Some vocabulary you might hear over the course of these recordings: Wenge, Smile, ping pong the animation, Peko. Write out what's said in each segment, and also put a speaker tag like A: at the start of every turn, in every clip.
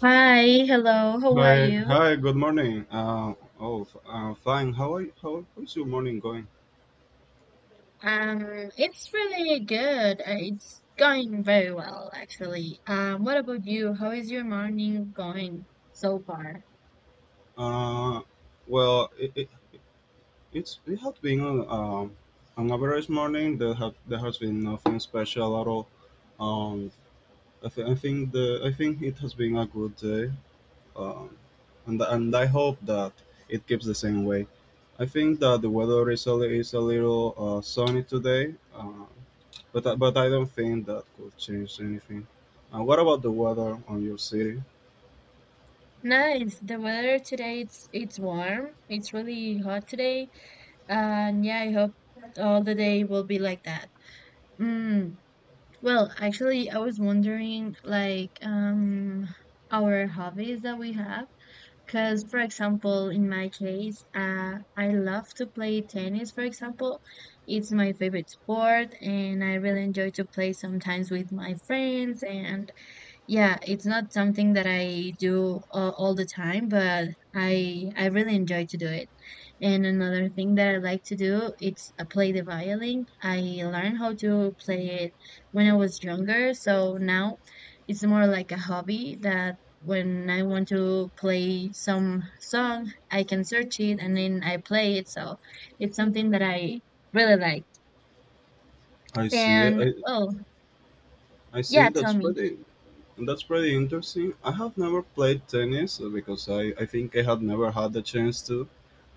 A: Hi, hello, how are
B: Hi,
A: you?
B: good morning. Fine. How are you? How is your morning going?
A: It's really good. It's going very well, actually. What about you? How is your morning going so far?
B: Uh, well, it, it, it's it has been um, an average morning. There has been nothing special at all. Um, I think the I think it has been a good day. um, and and I hope that it keeps the same way. I think that the weather is is a little sunny today, but but I don't think that could change anything. What about the weather on your city?
A: Nice. The weather today it's warm. It's really hot today. And yeah, I hope all the day will be like that. Mm. Well, actually, I was wondering like our hobbies that we have. Because, for example, in my case, I love to play tennis, for example. It's my favorite sport, and I really enjoy to play sometimes with my friends. And yeah, it's not something that I do all the time, but I really enjoy to do it. And another thing that I like to do is I play the violin. I learned how to play it when I was younger, so now it's more like a hobby that when I want to play some song, I can search it and then I play it. So it's something that I really like.
B: I see.
A: And well,
B: I see.
A: yeah, tell
B: That's
A: me.
B: pretty. That's pretty interesting. I have never played tennis because I think I had never had the chance to.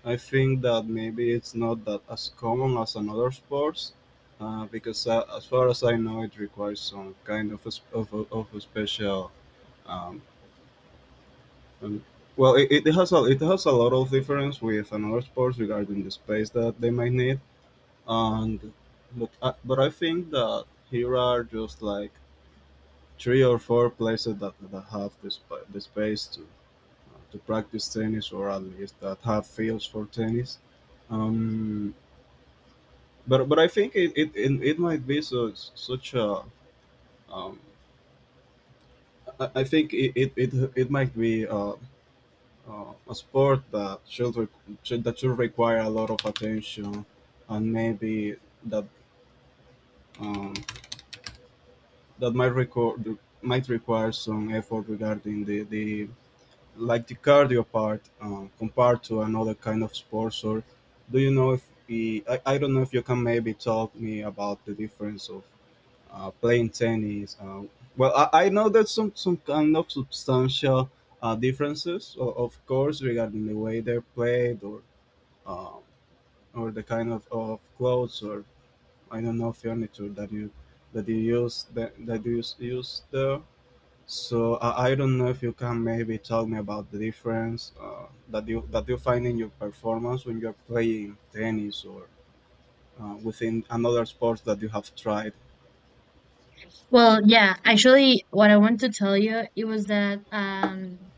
B: I think that maybe it's not that as common as another sports, because as far as I know, it requires some kind of a, sp- of a special. Um, and, well, it has a lot of difference with another sports regarding the space that they might need, and but but I think that here are just like three or four places that have the space to practice tennis or at least that have fields for tennis. Um, but but I think it might be so such a um, I think it might be a sport that should, re- should that should require a lot of attention and maybe that um, that might require some effort regarding the like the cardio part compared to another kind of sports or do you know if I don't know if you can maybe talk me about the difference of playing tennis. I know there's some kind of substantial differences, of course, regarding the way they're played um, or the kind of clothes or I don't know furniture that you that you use, use there. So I don't know if you can maybe tell me about the difference that you find in your performance when you're playing tennis or within another sports that you have tried.
A: Well, yeah, actually what I want to tell you it was that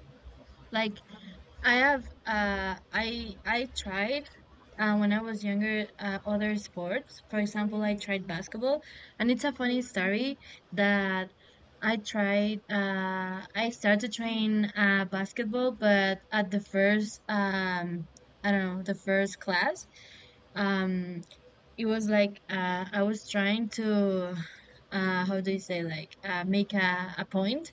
A: like I have I tried when I was younger other sports. For example, I tried basketball, and it's a funny story that I tried. I started trying basketball, but at the first, I don't know, the first class, um, it was like I was trying to, how do you say, like make a point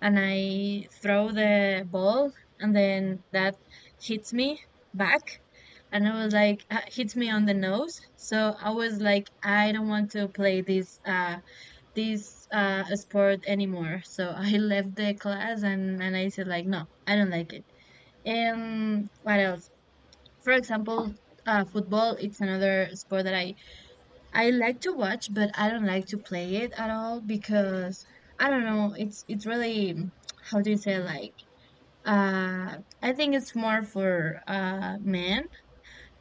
A: and I throw the ball, and then that hits me back, and I was like, hits me on the nose. So I was like, I don't want to play this this sport anymore. So I left the class, and I said like, no, I don't like it. And what else? For example. Football it's another sport that I like to watch but I don't like to play it at all because I don't know it's really how do you say like I think it's more for men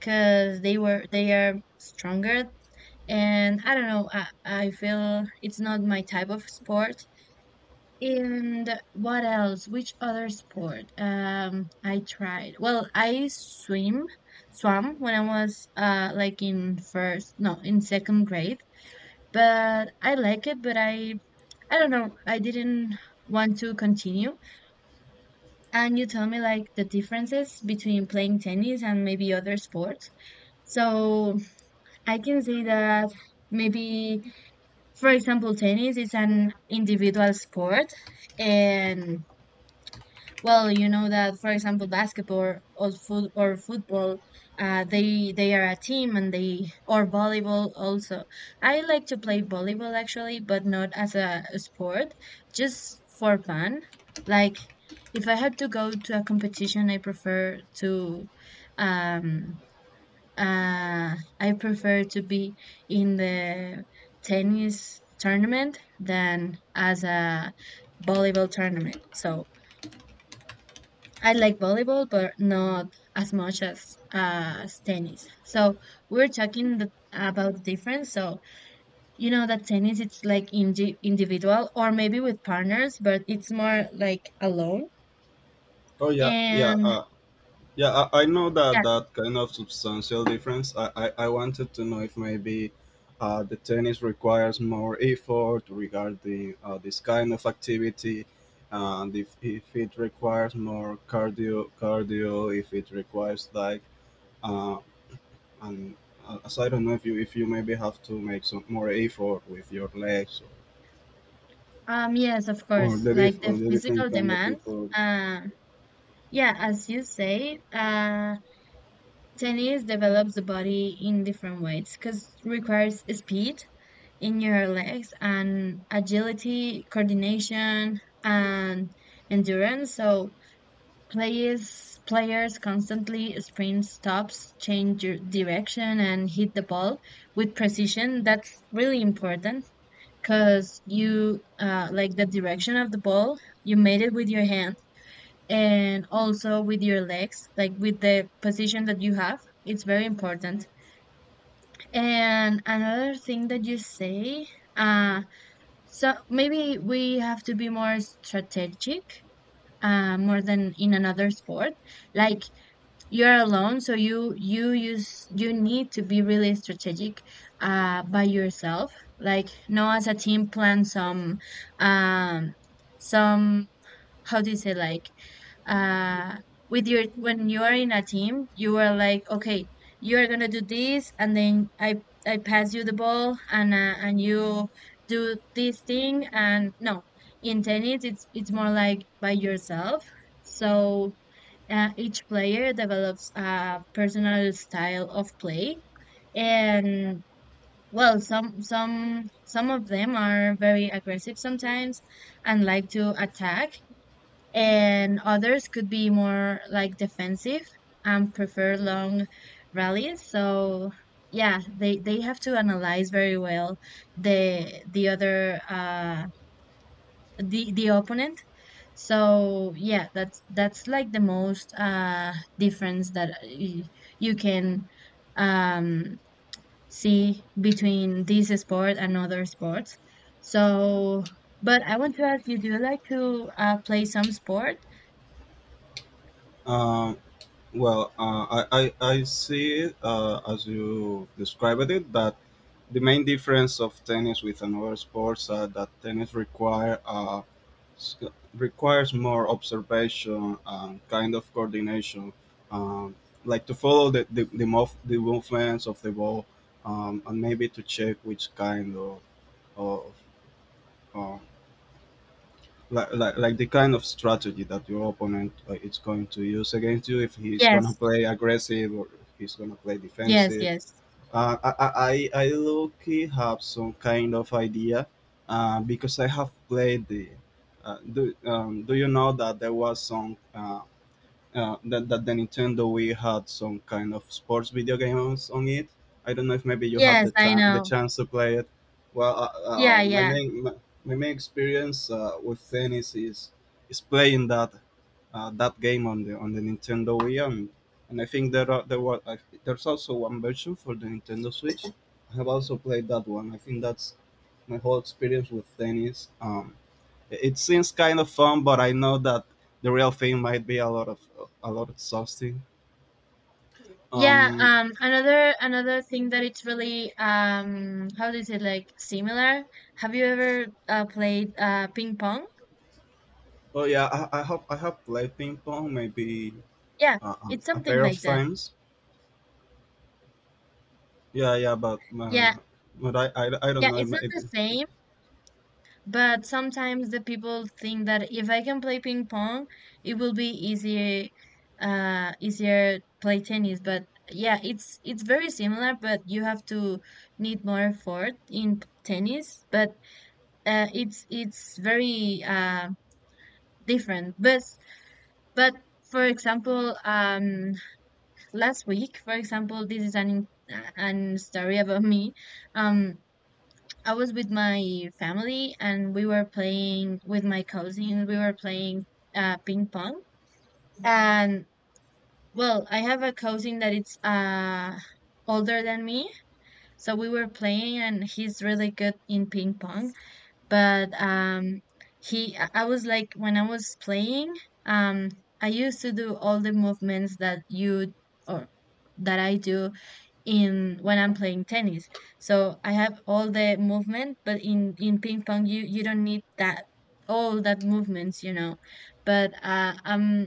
A: because they are stronger, and I don't know. I feel it's not my type of sport. And what else? Which other sport? I tried. Well, swam when I was like in first, no, in second grade. But I like it, but I don't know. I didn't want to continue. And you tell me like the differences between playing tennis and maybe other sports. So I can say that maybe, for example, tennis is an individual sport and well, you know that, for example, basketball or football, they are a team, and they or volleyball also. I like to play volleyball actually, but not as a sport, just for fun. Like if I had to go to a competition, um, uh, I prefer to be in the tennis tournament than as a volleyball tournament. So. I like volleyball, but not as much as tennis. So we're talking about the difference. So you know that tennis, it's like individual or maybe with partners, but it's more like alone.
B: Oh yeah, yeah.
A: And
B: I know that
A: yeah,
B: that kind of substantial difference. I wanted to know if maybe the tennis requires more effort regarding this kind of activity, and if it requires more cardio, if it requires like, uh, and as I don't know if you maybe have to make some more effort with your legs
A: yes, of course, like
B: or
A: the
B: the different
A: physical
B: kind of
A: demands.
B: effort.
A: Yeah, as you say, tennis develops the body in different ways because requires speed in your legs and agility, coordination, and endurance. So players players constantly sprint stops, change direction, and hit the ball with precision. That's really important because you like the direction of the ball. You made it with your hand and also with your legs, like with the position that you have. It's very important. And another thing that you say, uh, so maybe we have to be more strategic, more than in another sport. Like you're alone, so you use you need to be really strategic, by yourself. Like no, as a team, plan um, some how do you say like uh with your when you are in a team you are like okay you are gonna do this and then I pass you the ball and you do this thing and no in tennis it's more like by yourself so each player develops a personal style of play and well some of them are very aggressive sometimes and like to attack and others could be more like defensive and prefer long rallies. So yeah, they have to analyze very well the other the opponent. So yeah, that's like the most difference that you can um see between this sport and other sports. So, but I want to ask you, do you like to play some sport?
B: Uh, Well, uh, I, I, I see it as you described it that the main difference of tennis with another sports are that tennis require s- requires more observation and kind of coordination, um, like to follow the movements of the ball and maybe to check which kind of uh, like the kind of strategy that your opponent is going to use against you if he's going to
A: Yes.
B: play aggressive or if he's going to play
A: Yes,
B: defensive
A: yes.
B: I low-key have some kind of idea because I have played the do you know that there was some that the Nintendo Wii had some kind of sports video games on it. I don't know if maybe you had
A: Yes,
B: the
A: I
B: time, the
A: know.
B: chance to play it. Well, uh,
A: Yeah,
B: uh, my
A: yeah.
B: main my, my main experience with tennis is playing that that game on the Nintendo Wii, and I think there were there's also one version for the Nintendo Switch. I have also played that one. I think that's my whole experience with tennis. It seems kind of fun, but I know that the real thing might be a lot of, a lot exhausting.
A: Yeah,
B: Um,
A: another another thing that it's really how do you say like similar? Have you ever played ping pong?
B: but yeah, I have played ping pong maybe
A: Yeah, it's
B: a
A: something
B: pair of
A: like that.
B: times. Yeah, yeah,
A: Yeah.
B: I don't
A: Yeah,
B: know. It,
A: it's not
B: might- it,
A: the same, but sometimes the people think that if I can play ping pong, it will be easier easier play tennis, but yeah, it's very similar, but you have to need more effort in tennis, but it's very different. But for example, last week, for example, this is an story about me. Um, I was with my family and we were playing with my cousin. We were playing ping pong, and well, I have a cousin that it's older than me, so we were playing, and he's really good in ping pong but he I was like when I was playing um I used to do all the movements that you or that I do in when I'm playing tennis so I have all the movement but in ping pong you don't need that all that movements you know but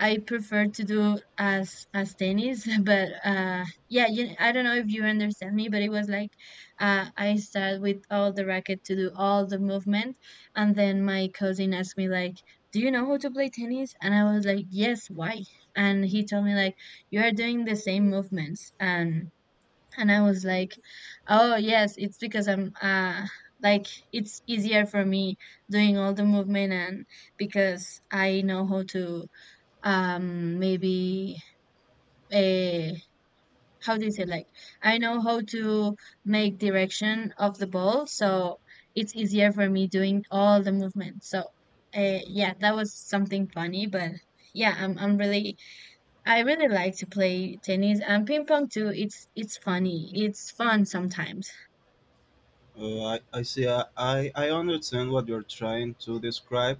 A: I prefer to do as tennis, but yeah, you, I don't know if you understand me, but it was like I start with all the racket to do all the movement, and then my cousin asked me like, "Do you know how to play tennis?" And I was like, "Yes, why?" And he told me like, "You are doing the same movements," and I was like, "Oh yes, it's because I'm. Like it's easier for me doing all the movement and because I know how to maybe a how do you say like I know how to make direction of the ball so it's easier for me doing all the movements so yeah that was something funny but yeah I really like to play tennis and ping pong too it's funny it's fun sometimes.
B: I see. I understand what you're trying to describe.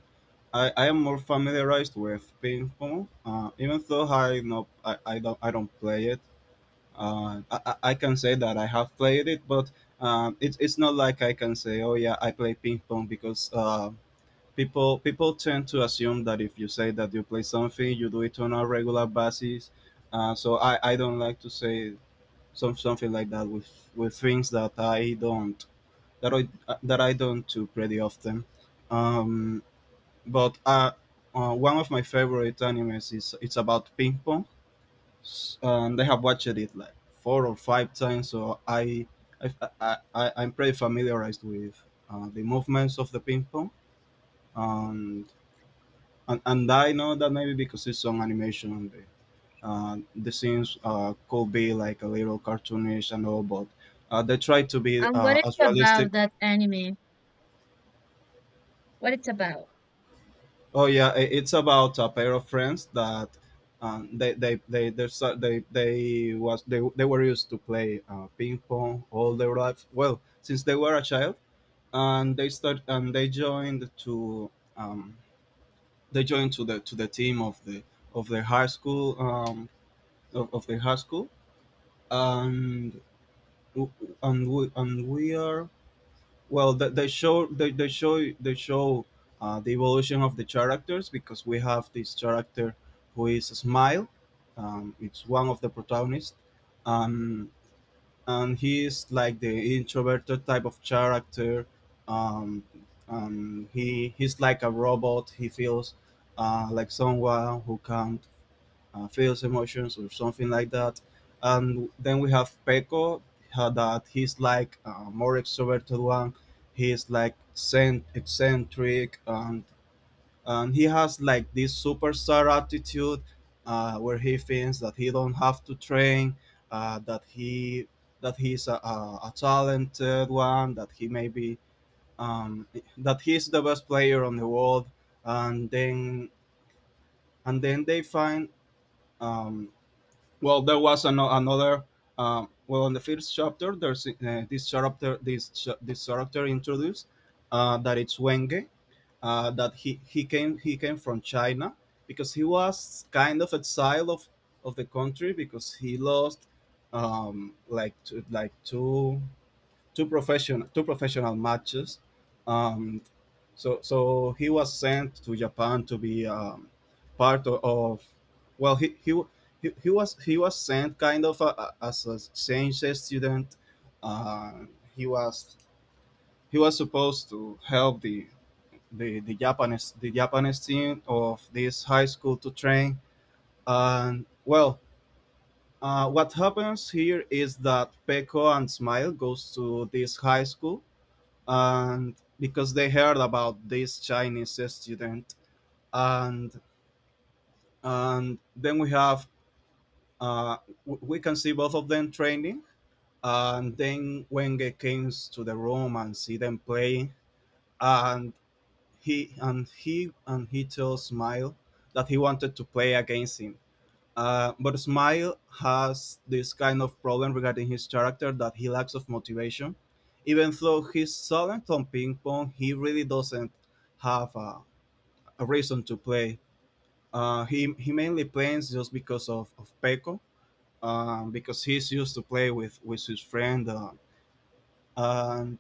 B: I am more familiarized with ping pong, even though I know I don't play it. I can say that I have played it, but it's not like I can say, oh yeah, I play ping pong because people tend to assume that if you say that you play something, you do it on a regular basis. I don't like to say something like that with things that I don't that I that I don't do pretty often. Um, but One of my favorite animes is it's about ping pong and I have watched it like four or five times, so I, I I'm pretty familiarized with the movements of the ping pong, and, and, and I know that maybe because it's on animation, the scenes could be like a little cartoonish and all, but they try to be
A: And what it's
B: as
A: about
B: realistic.
A: that anime, what it's about?
B: Oh yeah, it's about a pair of friends that um, they they they they they was they were used to play ping pong all their life. Well, since they were a child, and they start and um, they joined to the team of the of their high school of their high school, and w- we are well, they show the evolution of the characters because we have this character who is Smile. It's one of the protagonists, um, and he is like the introverted type of character. Um, he he's like a robot. He feels like someone who can feels emotions or something like that. And then we have Peko, that he's like more extroverted one. Eccentric, and he has like this superstar attitude, where he thinks that he don't have to train, that he that he's a talented one, that he maybe um, that he's the best player on the world, and then they find um, well, there was another. Well, in the first chapter, there's this character, this character introduced that it's Wenge, he came from China because he was kind of exiled of the country because he lost um, like two, like two two profession two professional matches um, so he was sent to Japan to be part of well he was sent kind of as a exchange student. Uh, he was supposed to help the the Japanese team of this high school to train and well what happens here is that Peko and Smile goes to this high school and because they heard about this Chinese student and then we have uh, we can see both of them training and then Wenge came to the room and see them playing and he tells Smile that he wanted to play against him. But Smile has this kind of problem regarding his character that he lacks of motivation. Even though he's solid on ping pong, he really doesn't have a reason to play. He mainly plays just because of Peko, because he's used to play with his friend. And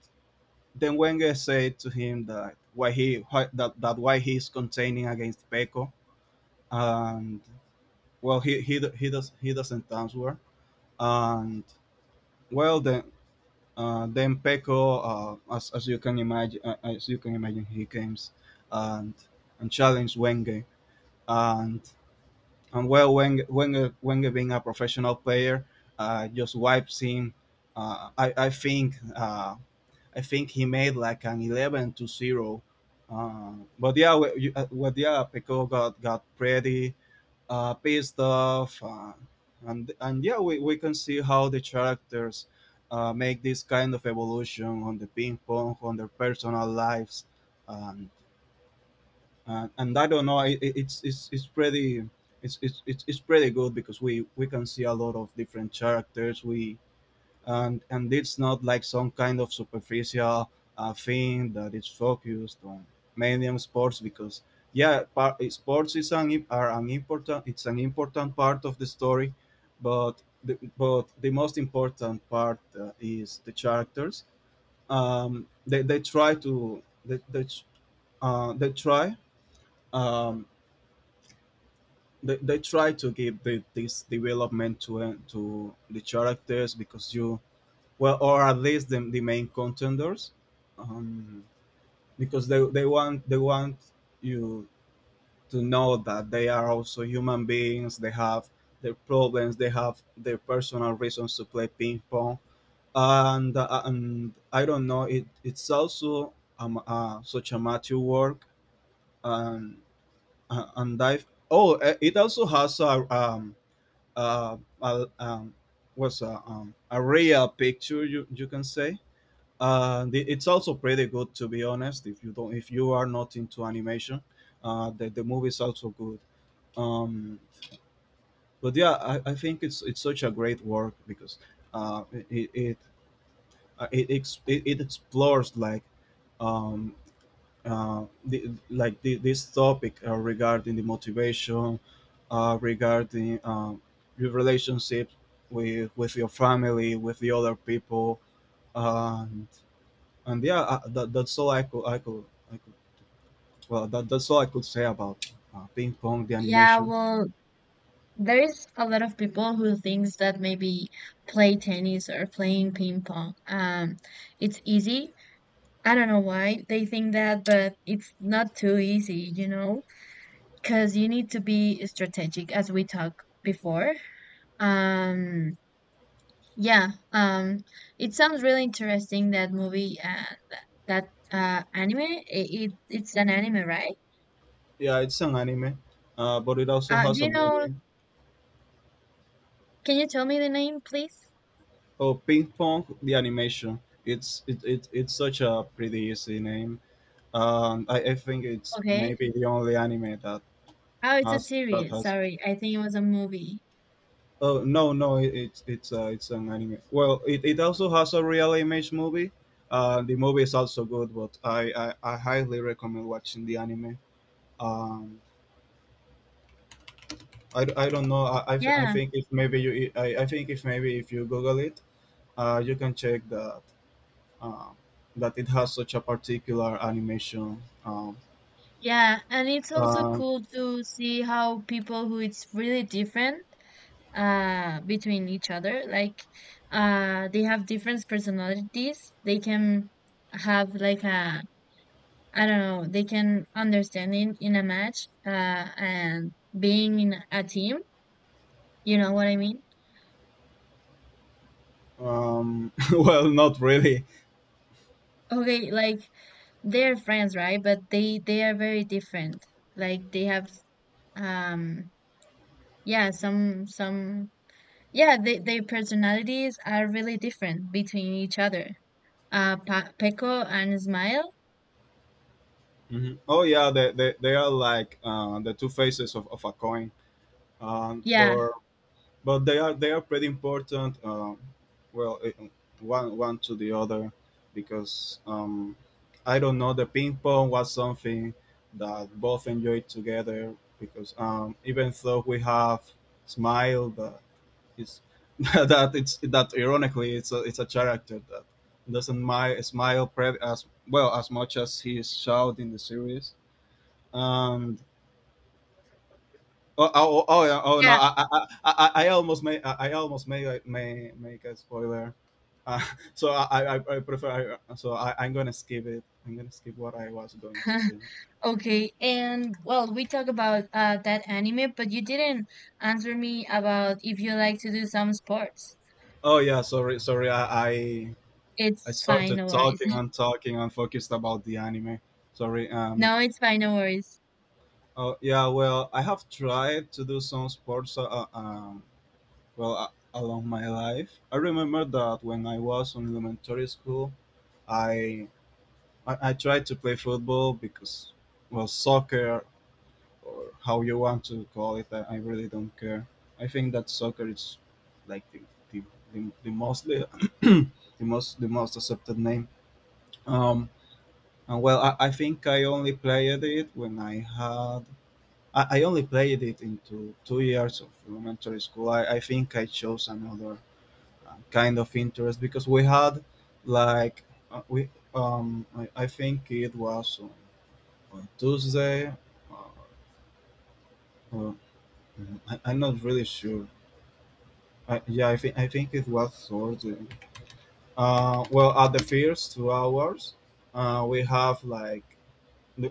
B: then Wenger said to him that why, that why he's containing against Peko, and well he does he doesn't answer. And well then Peko, as you can imagine, as you can imagine, he comes and challenged Wenger and well, when being a professional player, just wipes him. Uh, I I think uh, I think he made like an 11-0. But yeah, Pico got pretty pissed off, and and yeah, we can see how the characters make this kind of evolution on the ping pong on their personal lives. Um, and and I don't know. It's pretty it's pretty good because we can see a lot of different characters. We and it's not like some kind of superficial thing that is focused on mainly on sports, because yeah, sports is an im- are an important it's an important part of the story, but the most important part is the characters. They try to uh, they try um, they try to give this development to the characters, because you well, or at least the main contenders. um, because they want you to know that they are also human beings. They have their problems. They have their personal reasons to play ping pong. And I don't know, it's also such a mature work. And and I oh It also has uh, a, um, a real picture, you can say. It's also pretty good, to be honest. If you are not into animation, the movie is also good. um, but yeah, I think it's such a great work, because uh, it it, it, it it explores, like, um, this topic regarding the motivation, regarding your relationship with your family, with the other people, and yeah, that's all I could... well, that's all I could say about ping pong the
A: Yeah,
B: animation.
A: well, there's a lot of people who thinks that maybe play tennis or playing ping pong, it's easy. I don't know why they think that, but it's not too easy, you know, because you need to be strategic, as we talked before. Um, yeah, it sounds really interesting that movie, that anime. It's an anime, right?
B: Yeah, it's an anime, but it also
A: Do
B: has a
A: you know?
B: movie.
A: Can you tell me the name, please?
B: Oh, ping pong the animation. It it's such a pretty easy name. I think it's
A: Okay.
B: maybe the only anime that
A: Oh, it's a
B: has that
A: series.
B: has
A: Sorry, I think it was a movie.
B: oh, no, no, it's it's an anime. Well, it also has a real image movie. The movie is also good, but I highly recommend watching the anime. um, I don't know. I
A: Yeah,
B: think if maybe if you google it, you can check um, that it has such a particular animation.
A: yeah, and it's also
B: Uh,
A: cool to see how people who it's really different between each other, like they have different personalities. They can have like a I don't know, they can understand in a match and being in a team, you know what I mean?
B: well, not really.
A: Okay, like they're friends, right? But they are very different. Like they have um yeah, some yeah, they, their personalities are really different between each other. Peko and Smile.
B: Mhm. Oh yeah, they are like the two faces of a coin. Um,
A: Yeah,
B: but but they are pretty important. Well, one to the other, because I don't know, the ping pong was something that both enjoyed together. Because even though we have smile, but it's that it's that ironically it's it's a character that doesn't smile as much as he is shout in the series. And oh, oh, oh, oh, yeah, oh no!
A: yeah,
B: I almost made, like, may make a spoiler. Uh, so I prefer. I'm gonna skip it. I'm gonna skip what I was going to say.
A: okay. And well, we talk about that anime, but you didn't answer me about if you like to do some sports.
B: Oh yeah, sorry, sorry. I
A: It's fine,
B: started
A: no worries.
B: talking and talking and focused about the anime. Sorry.
A: No, it's fine, no worries.
B: Oh yeah. Well, I have tried to do some sports. Well, along my life, I remember that when I was in elementary school, I I tried to play football, because, well, soccer, or how you want to call it, I really don't care. I think that soccer is, like, the, the mostly the the most accepted name. Um, and well, I think I only played it when I only played it into 2 years of elementary school. I think I chose another kind of interest, because we had, like, uh, we I think it was on Tuesday. Uh, uh, I'm not really sure. Yeah, I think it was Thursday. Well, at the first 2 hours, uh, we have like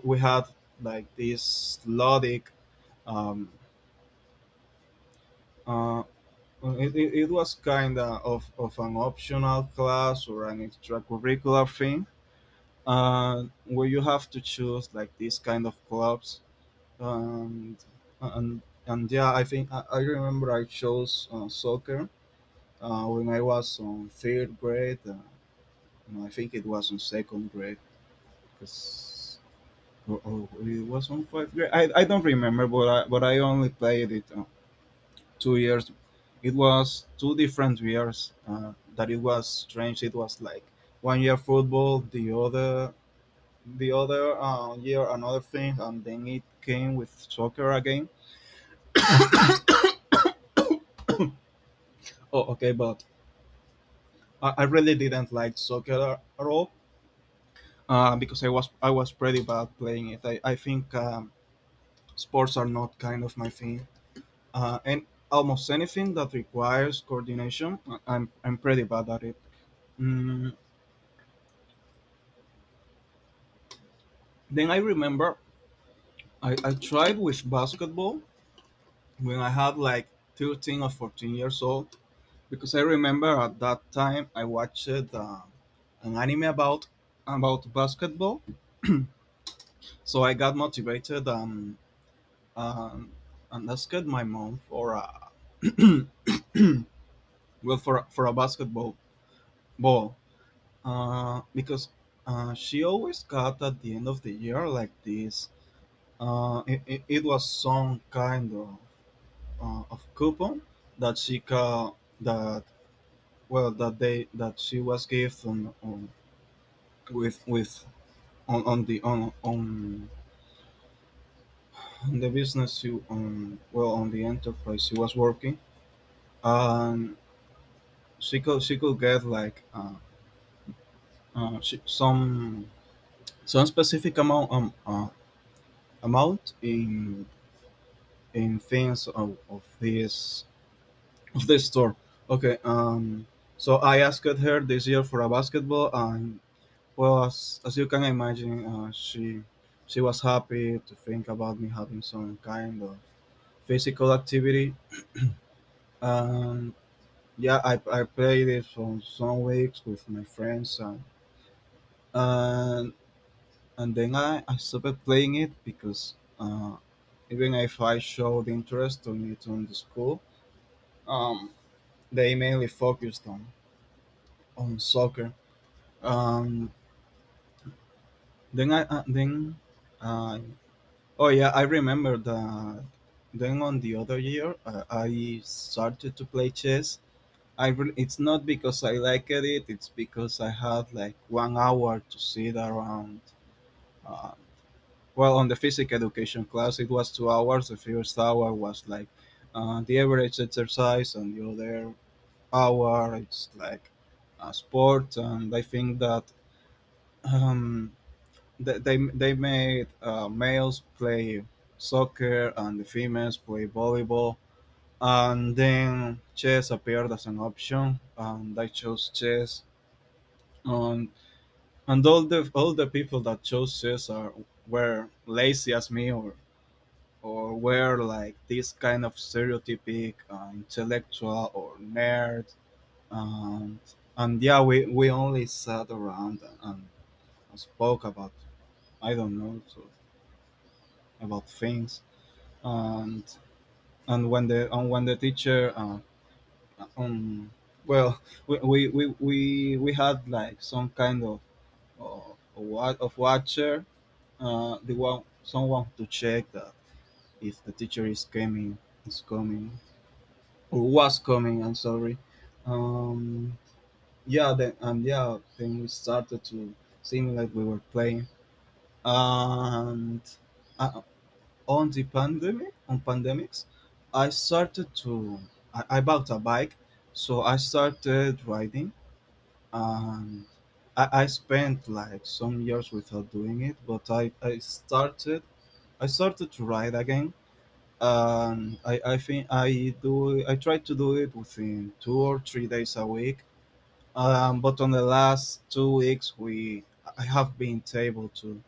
B: we had, like, this Lodic. Um, uh, it was kind of an optional class or an extracurricular thing, where you have to choose, like, these kind of clubs. And and yeah, I remember I chose soccer when I was on third grade. No, I think it was on second grade, because or it was on fifth grade. I don't remember, but but I only played it 2 years. It was 2 different years. That It was strange. It was like one year football, the other year another thing, and then it came with soccer again. Oh, okay, but I really didn't like soccer at all, because I was pretty bad playing it. I think sports are not kind of my thing, and almost anything that requires coordination, I'm pretty bad at it. Mm, then I remember I tried with basketball when I had like 13 or 14 years old, because I remember at that time I watched an anime about basketball, so I got motivated. Um, and asked my mom for a well for a basketball ball, because she always got, at the end of the year, like this. It was some kind of coupon that she got that well that they that she was given on, with on, on the on, on on the business, you on well, on the enterprise she was working. And she could get, like, some specific amount, amount in things of this store. Okay. So I asked her this year for a basketball, and, well, as you can imagine, she was happy to think about me having some kind of physical activity. Um. Yeah, I played it for some weeks with my friends and and then I stopped playing it, because, even if I showed interest on it on the school, um, they mainly focused on soccer. Um, then I then uh, oh yeah, I remember that. Then on the other year, I started to play chess. It's not because I liked it; it's because I had like one hour to sit around. Uh, Well, on the physical education class, it was 2 hours. The first hour was like the average exercise, and the other hour it's like sport. And I think that um, they made males play soccer and the females play volleyball. And then chess appeared as an option, and I chose chess. And and all the people that chose chess are were lazy as me or were like this kind of stereotypic intellectual or nerd. And and yeah, we only sat around and spoke about, I don't know, so, about things. And and when the and when the teacher um well we had, like, some kind of uh, of watcher, the one someone to check that if the teacher is coming, is coming or was coming, I'm sorry. um yeah, then we started to sing like we were playing. And uh, on the pandemic, on pandemics I started to I bought a bike, so I started riding. And I spent like some years without doing it, but I started to ride again. And I think I try to do it within 2 or 3 days a week. But on the last 2 weeks, we I have been able to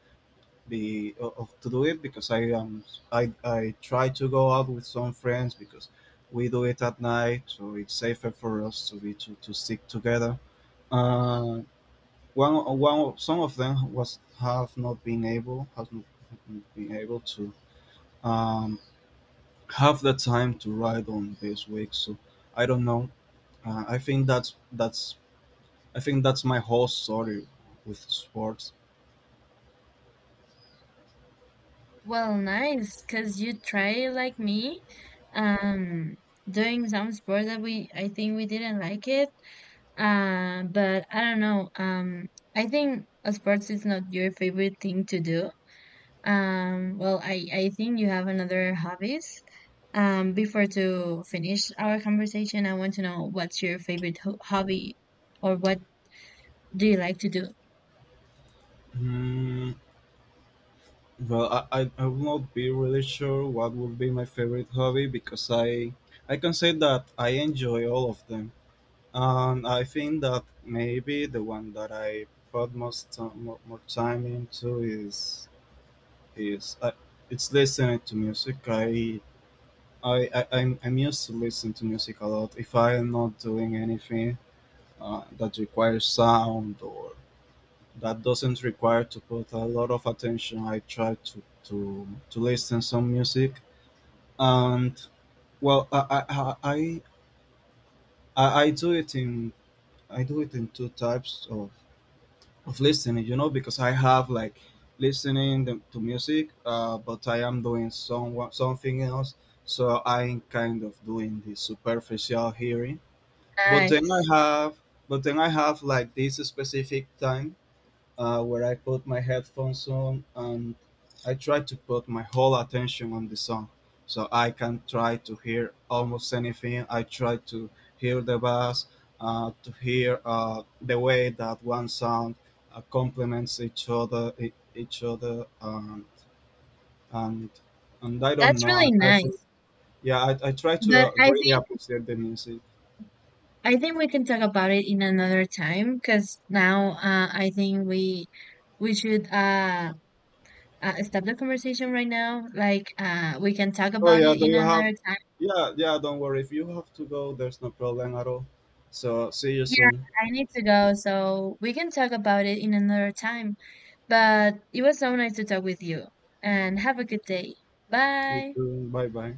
B: be of to do it, because I try to go out with some friends, because we do it at night, so it's safer for us to stick together. Uh, some of them was have not been able has not been able to um have the time to ride on this week. So I don't know. Uh, I think that's that's I think that's my whole story with sports.
A: Well, nice, cause you try like me, um, doing some sports that we I think we didn't like it. But I don't know. I think sports is not your favorite thing to do. Well, I think you have another hobbies. Before to finish our conversation, I want to know what's your favorite ho hobby or what do you like to do?
B: Hmm. Well, I will not be really sure what would be my favorite hobby, because I can say that I enjoy all of them, and I think that maybe the one that I more time into is it's listening to music. I'm used to listen to music a lot. If I'm not doing anything that requires sound or that doesn't require to put a lot of attention, I try to listen some music. And well, I do it in... two types of listening. You know, because I have, like, listening to music, but I am doing something else. So I'm kind of doing the superficial hearing. But then I
A: Nice.
B: have, but then I have, like, this specific time where I put my headphones on, and I try to put my whole attention on the song, so I can try to hear almost anything. I try to hear the bass, to hear the way that one sound complements each other, each other, and and I don't
A: That's
B: know.
A: really
B: I think,
A: nice.
B: yeah, I try to
A: But
B: really appreciate the music.
A: I think we can talk about it in another time because now I think we should stop the conversation right now. Like, we can talk
B: Oh
A: about
B: yeah,
A: it
B: do
A: in
B: you have?
A: another time.
B: Yeah, yeah. Don't worry. If you have to go, there's no problem at all. So see you
A: Yeah,
B: soon.
A: I need to go, so we can talk about it in another time. But it was so nice to talk with you, and have a good day.
B: You
A: Bye.
B: too. Bye bye.